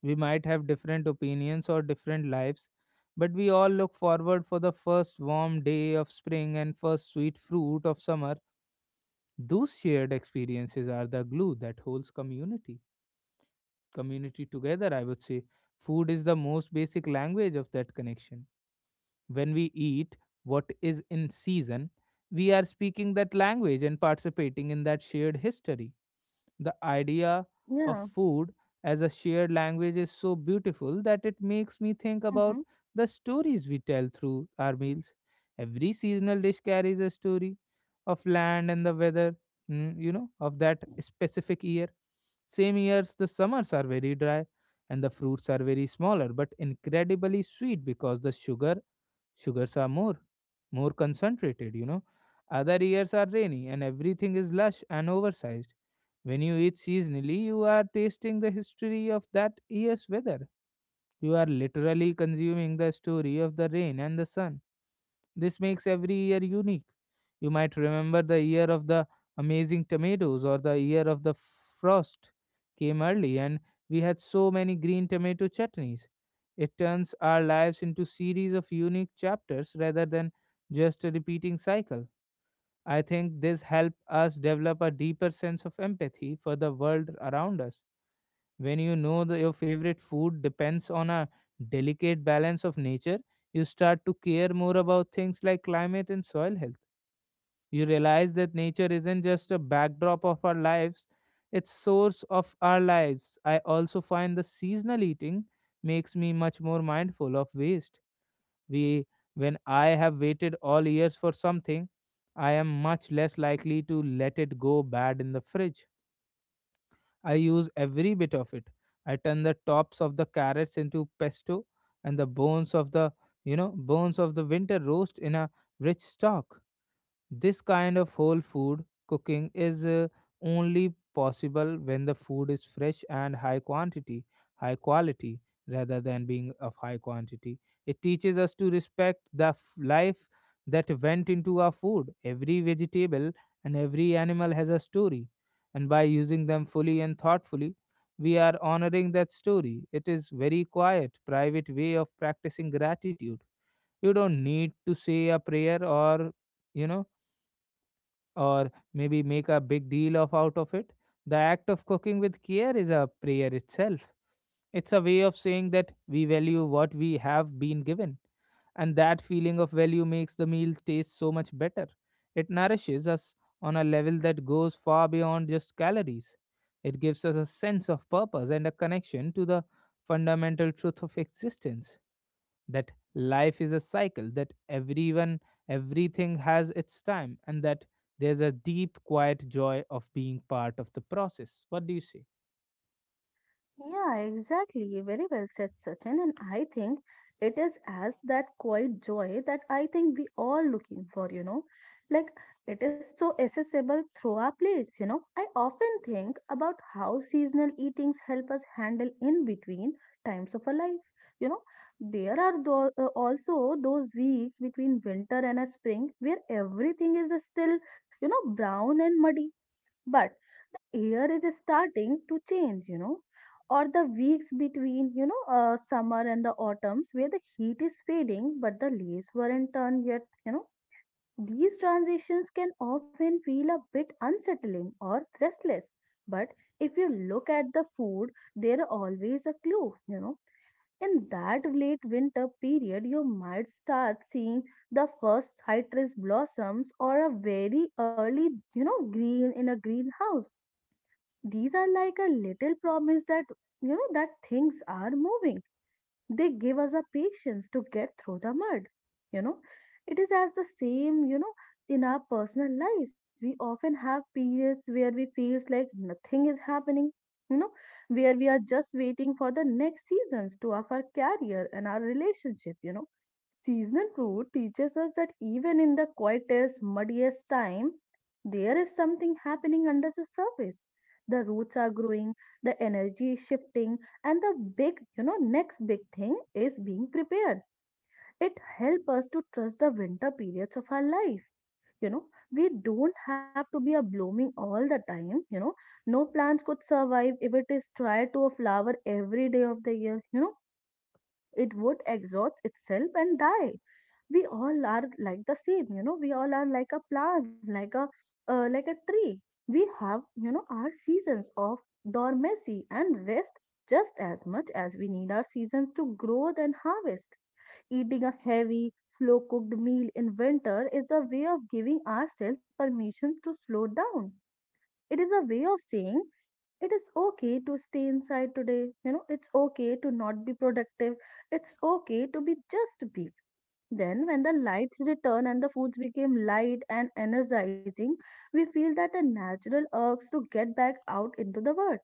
We might have different opinions or different lives, but we all look forward for the first warm day of spring and first sweet fruit of summer. Those shared experiences are the glue that holds community together, I would say. Food is the most basic language of that connection. When we eat what is in season, we are speaking that language and participating in that shared history. The idea of
Yeah.
food as a shared language is so beautiful that it makes me think about the stories we tell through our meals. Every seasonal dish carries a story of land and the weather, you know, of that specific year. Same years, the summers are very dry and the fruits are very smaller but incredibly sweet because the sugar Sugars are more concentrated, you know. Other years are rainy and everything is lush and oversized. When you eat seasonally, you are tasting the history of that year's weather. You are literally consuming the story of the rain and the sun. This makes every year unique. You might remember the year of the amazing tomatoes or the year of the frost came early and we had so many green tomato chutneys. It turns our lives into series of unique chapters rather than just a repeating cycle. I think this helps us develop a deeper sense of empathy for the world around us when you know that your favorite food depends on a delicate balance of nature, you start to care more about things like climate and soil health. You realize that nature isn't just a backdrop of our lives, it's source of our lives. I also find the seasonal eating makes me much more mindful of waste. We When I have waited all years for something, I am much less likely to let it go bad in the fridge. I use every bit of it. I turn the tops of the carrots into pesto and the bones of the, you know, bones of the winter roast in a rich stock. This kind of whole food cooking is only possible when the food is fresh and high quality rather than being of high quantity. It teaches us to respect the life that went into our food. Every vegetable and every animal has a story, and by using them fully and thoughtfully, we are honoring that story. It is very quiet, private way of practicing gratitude. You don't need to say a prayer or you know or maybe make a big deal of out of it. The act of cooking with care is a prayer itself. It's a way of saying that we value what we have been given, and that feeling of value makes the meal taste so much better. It nourishes us on a level that goes far beyond just calories. It gives us a sense of purpose and a connection to the fundamental truth of existence that life is a cycle, that everyone, everything has its time, and that there's a deep, quiet joy of being part of the process. What do you say?
Yeah, exactly. Very well said, Sachin. And I think it is as that quiet joy that I think we all looking for, you know. Like it is so accessible through our plates, you know. I often think about how seasonal eatings help us handle in between times of our life. You know, there are also those weeks between winter and a spring where everything is still, brown and muddy but the year is starting to change, you know, or the weeks between, summer and the autumns where the heat is fading but the leaves weren't turned yet, you know. These transitions can often feel a bit unsettling or restless. But if you look at the food, there are always a clue, you know. In that late winter period, you might start seeing the first citrus blossoms or a very early green in a greenhouse. These are like a little promise that that things are moving. They give us a patience to get through the mud. You know, it is as the same, you know, in our personal lives. We often have periods where we feels like nothing is happening, you know, where we are just waiting for the next seasons to of our career and our relationship, you know. Seasonal fruit teaches us that even in the quietest, muddiest time, there is something happening under the surface. The roots are growing, the energy is shifting, and the big, next big thing is being prepared. It helps us to trust the winter periods of our life. You know, we don't have to be a blooming all the time. You know, no plants could survive if it is tried to a flower every day of the year. You know, it would exhaust itself and die. We all are like the same, you know. We all are like a plant, like a tree. We have, our seasons of dormancy and rest just as much as we need our seasons to grow and harvest. Eating a heavy slow cooked meal in winter is a way of giving ourselves permission to slow down. It is a way of saying it is okay to stay inside today. You know, it's okay to not be productive. It's okay to be just be. Then, when the lights return and the foods became light and energizing, we feel that a natural urge to get back out into the world.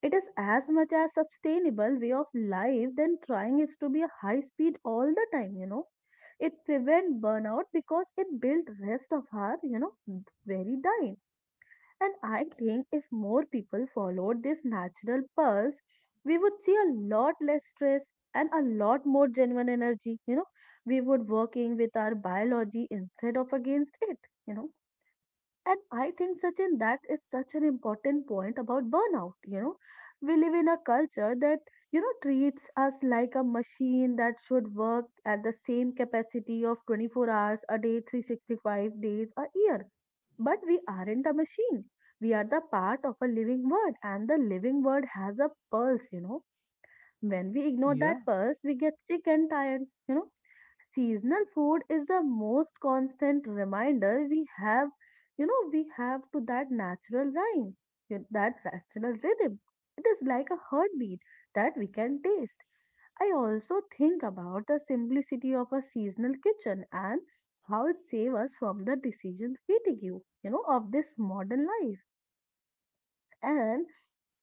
It is as much a sustainable way of life than trying is to be a high speed all the time, you know. It prevents burnout because it builds rest of our, very dine. And I think if more people followed this natural pulse, we would see a lot less stress and a lot more genuine energy. You know, we would working with our biology instead of against it. You know, and I think, Sachin, that is such an important point about burnout. You know, we live in a culture that, treats us like a machine that should work at the same capacity of 24 hours a day, 365 days a year. But we aren't a machine. We are the part of a living world, and the living world has a pulse, you know. When we ignore
Yeah,
that pulse, we get sick and tired. You know, seasonal food is the most constant reminder we have, we have to that natural rhymes, that natural rhythm. It is like a heartbeat that we can taste. I also think about the simplicity of a seasonal kitchen and how it saves us from the decision fatigue, of this modern life. And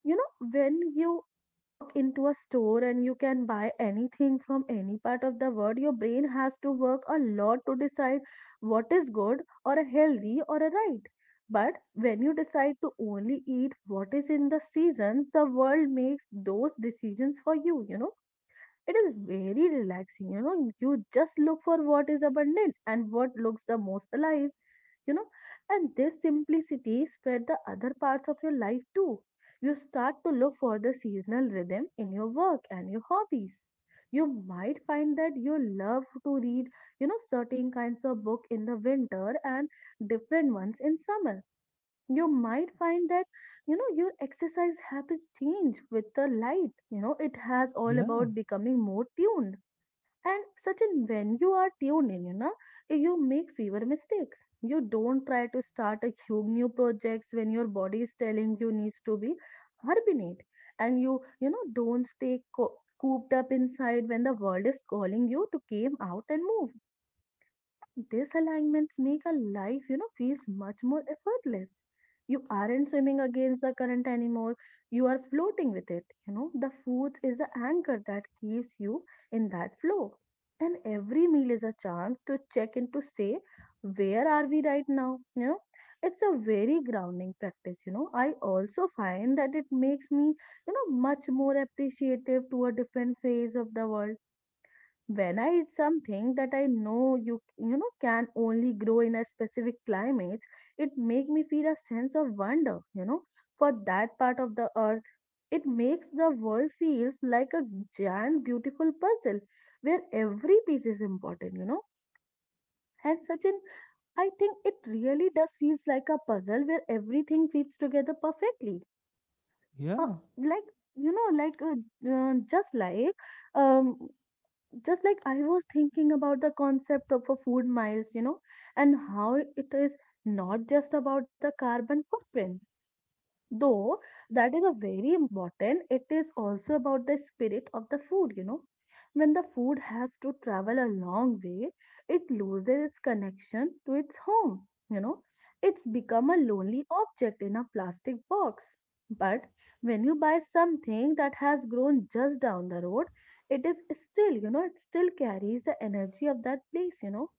when you walk into a store and you can buy anything from any part of the world, your brain has to work a lot to decide what is good or a healthy or a right. But when you decide to only eat what is in the seasons, the world makes those decisions for you, you know. It is very relaxing, you know. You just look for what is abundant and what looks the most alive, you know. And this simplicity spread the other parts of your life too. You start to look for the seasonal rhythm in your work and your hobbies. You might find that you love to read, certain kinds of book in the winter and different ones in summer. You might find that your exercise habits change with the light, you know. It has all
yeah,
about becoming more tuned, and certain when you are tuned in, you know, you make fewer mistakes. You don't try to start a huge new projects when your body is telling you needs to be hibernate. And you, don't stay cooped up inside when the world is calling you to came out and move. These alignments make a life, feels much more effortless. You aren't swimming against the current anymore. You are floating with it. You know, the food is the anchor that keeps you in that flow. And every meal is a chance to check in to say, where are we right now? You know, it's a very grounding practice. You know, I also find that it makes me, much more appreciative to a different phase of the world. When I eat something that I know you know can only grow in a specific climate, it make me feel a sense of wonder, you know, for that part of the earth. It makes the world feels like a giant beautiful puzzle where every piece is important, you know. And Sachin, I think it really does feels like a puzzle where everything fits together perfectly. Uh,
yeah,
like just like um just like I was thinking about the concept of a food miles, you know, and how it is not just about the carbon footprints. Though that is a very important, it is also about the spirit of the food, you know. When the food has to travel a long way, it loses its connection to its home, you know. It's become a lonely object in a plastic box. But when you buy something that has grown just down the road, it is still, you know, it still carries the energy of that place, you know.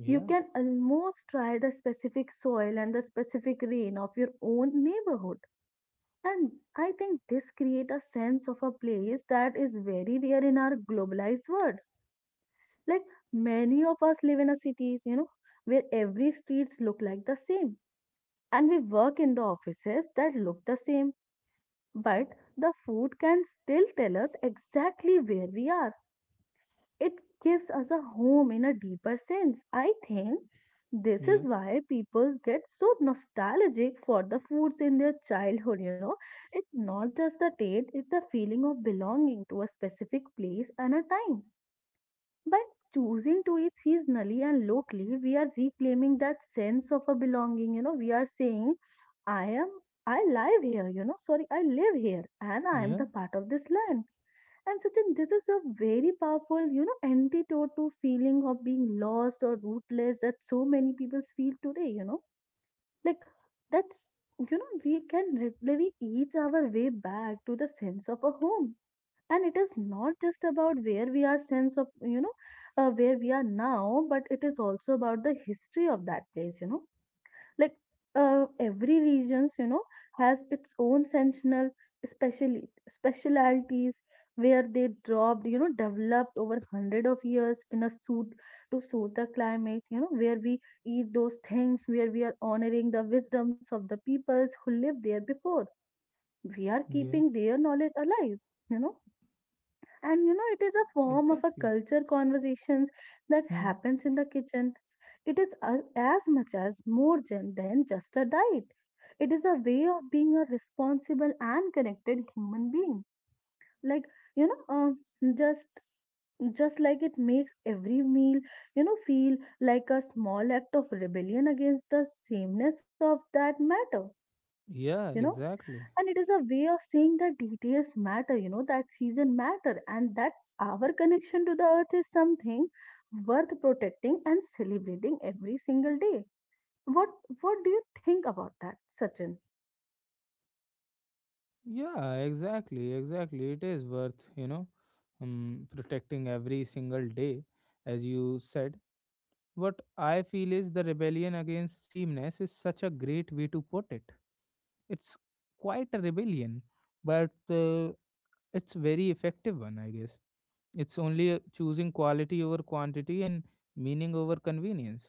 You can almost try the specific soil and the specific rain of your own neighborhood, and I think this create a sense of a place that is very rare in our globalized world. Like many of us live in a cities, you know, where every streets look like the same. And we work in the offices that look the same. But the food can still tell us exactly where we are. It gives us a home in a deeper sense. I think this
yeah,
is why people get so nostalgic for the foods in their childhood, you know. It's not just the taste, it's the feeling of belonging to a specific place and a time. By choosing to eat seasonally and locally, we are reclaiming that sense of a belonging. You know, we are saying, I am, I live here, you know, sorry, I live here and I am
yeah,
the part of this land. And Sachin, this is a very powerful, you know, antidote to feeling of being lost or rootless that so many people feel today, you know. Like that's, you know, we can literally eat our way back to the sense of a home. And it is not just about where we are sense of where we are now, but it is also about the history of that place, you know. Like every regions, you know, has its own sensational, especially specialities where they dropped, you know, developed over hundred of years in a suit to suit the climate, you know. Where we eat those things, where we are honoring the wisdoms of the peoples who lived there before, we are
yeah,
keeping their knowledge alive, you know. And you know, it is a form of a
exactly.
culture conversations that
Hmm.
happens in the kitchen. It is as much as more than just a diet. It is a way of being a responsible and connected human being. Like you know, um, just just like it makes every meal, feel like a small act of rebellion against the sameness of that matter. You
Yeah,
know,
exactly.
and it is a way of saying that details matter, you know, that season matter and that our connection to the earth is something worth protecting and celebrating every single day. what what do you think about that, Sachin?
Yeah, exactly, exactly. It is worth, protecting every single day, as you said. What I feel is the rebellion against sameness is such a great way to put it. It's quite a rebellion, but it's very effective one, I guess. It's only choosing quality over quantity and meaning over convenience.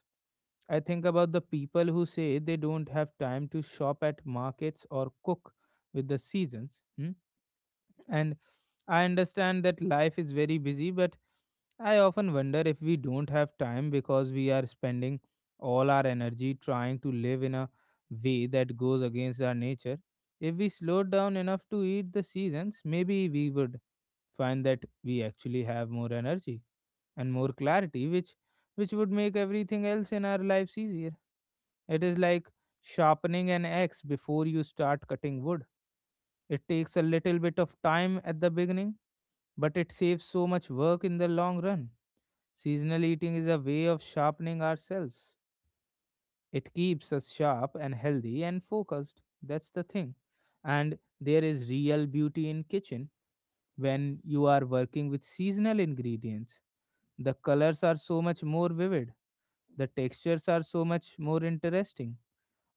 I think about the people who say they don't have time to shop at markets or cook with the seasons. Hmm? and I understand that life is very busy, but I often wonder if we don't have time because we are spending all our energy trying to live in a way that goes against our nature. If we slowed down enough to eat the seasons, maybe we would find that we actually have more energy and more clarity, which would make everything else in our lives easier. It is like sharpening an axe before you start cutting wood. It takes a little bit of time at the beginning, but it saves so much work in the long run. Seasonal eating is a way of sharpening ourselves. It keeps us sharp and healthy and focused. That's the thing. And there is real beauty in kitchen when you are working with seasonal ingredients. The colors are so much more vivid. The textures are so much more interesting.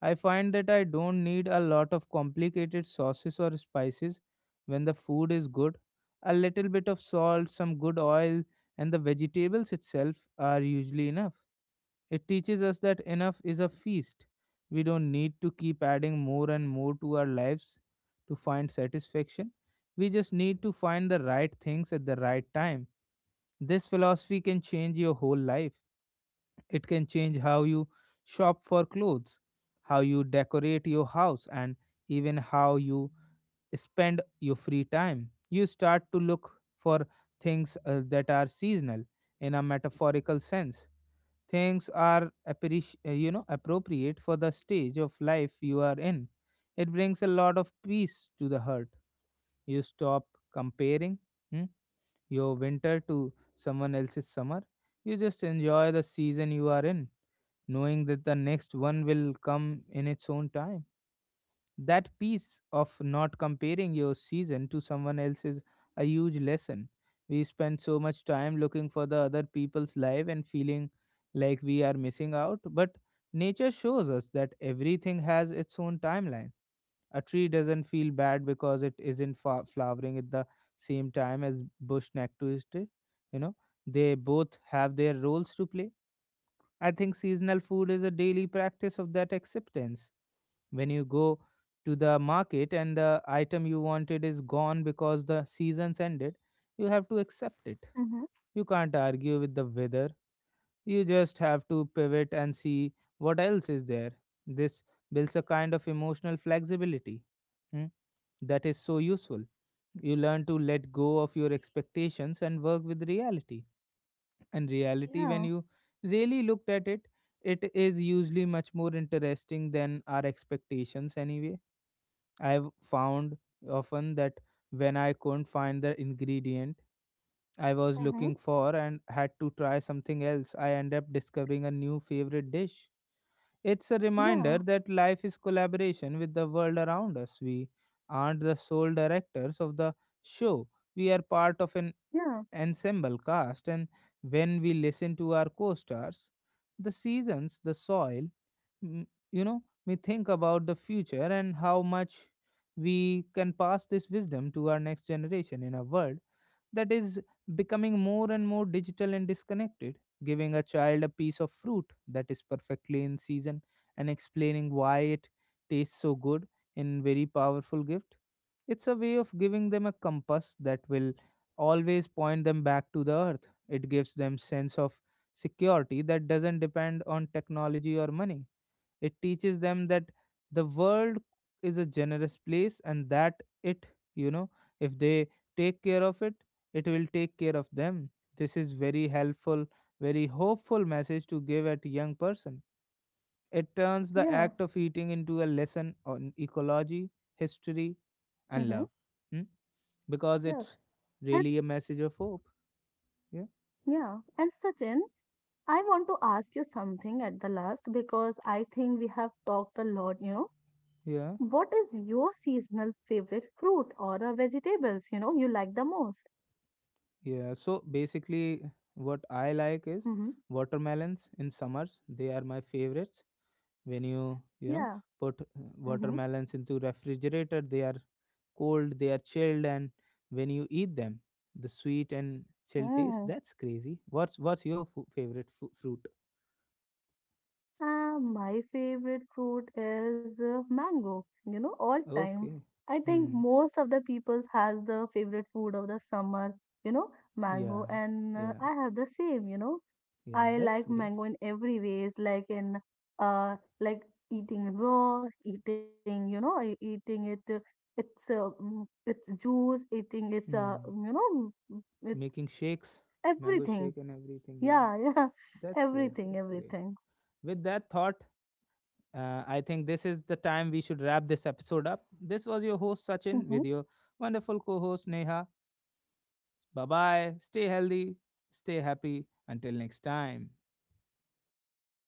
I find that I don't need a lot of complicated sauces or spices when the food is good. A little bit of salt, some good oil, and the vegetables itself are usually enough. It teaches us that enough is a feast. We don't need to keep adding more and more to our lives to find satisfaction. We just need to find the right things at the right time. This philosophy can change your whole life. It can change how you shop for clothes, how you decorate your house, and even how you spend your free time. You start to look for things that are seasonal in a metaphorical sense. Things are appropriate for the stage of life you are in. It brings a lot of peace to the heart. You stop comparing hmm, your winter to someone else's summer. You just enjoy the season you are in, knowing that the next one will come in its own time. That piece of not comparing your season to someone else's, a huge lesson. We spend so much time looking for the other people's life and feeling like we are missing out, but nature shows us that everything has its own timeline. A tree doesn't feel bad because it isn't flowering at the same time as bush neck twisted. You know, they both have their roles to play. I think seasonal food is a daily practice of that acceptance. When you go to the market and the item you wanted is gone because the season's ended, you have to accept it.
Mm-hmm.
You can't argue with the weather. You just have to pivot and see what else is there. This builds a kind of emotional flexibility hmm, that is so useful. You learn to let go of your expectations and work with reality. And reality, when
Yeah.
you really looked at it, it is usually much more interesting than our expectations anyway. I've found often that when I couldn't find the ingredient I was
Mm-hmm.
looking for and had to try something else, I end up discovering a new favorite dish. It's a reminder
Yeah.
that life is collaboration with the world around us. We aren't the sole directors of the show. We are part of an
Yeah.
ensemble cast, and when we listen to our co stars, the seasons, the soil, mm, we think about the future and how much we can pass this wisdom to our next generation in a world that is becoming more and more digital and disconnected. Giving a child a piece of fruit that is perfectly in season and explaining why it tastes so good in very powerful gift. It's a way of giving them a compass that will always point them back to the earth. It gives them sense of security that doesn't depend on technology or money. It teaches them that the world is a generous place, and that it, you know, if they take care of it, it will take care of them. This is very helpful, very hopeful message to give at young person. It turns the
Yeah.
act of eating into a lesson on ecology, history, and
Mm-hmm.
love. Hmm? Because
Yeah.
it's
And
really a message of hope. Yeah,
yeah. And Sachin, I want to ask you something at the last because I think we have talked a lot, you know. What
yeah,
is your seasonal favorite fruit or vegetables, you know, you like the most?
yeah. So basically, what I like is
Mm-hmm.
watermelons in summers. They are my favorites. When you, you know,
Yeah.
put
Mm-hmm.
watermelons into refrigerator, they are cold, they are chilled, and when you eat them, the sweet and chill taste,
Mm.
that's crazy. What's your favorite fruit?
My favorite fruit is mango, you know, all time.
Okay.
I think
Hmm.
most of the peoples has the favorite food of the summer, you know,
Yeah,
mango, and
yeah,
I have the same, you know.
yeah,
I
that's
like
great.
mango in every ways, like in like eating raw, eating, eating it, it's it's juice, eating it's
Hmm.
it's
Making shakes. Mango shake
everything.
and everything, yeah.
Yeah, yeah,
That's great,
everything,
that's great.
everything.
With that thought, I think this is the time we should wrap this episode up. This was your host Sachin with your wonderful co-host Neha. Bye bye. Stay healthy, stay happy. Until next time.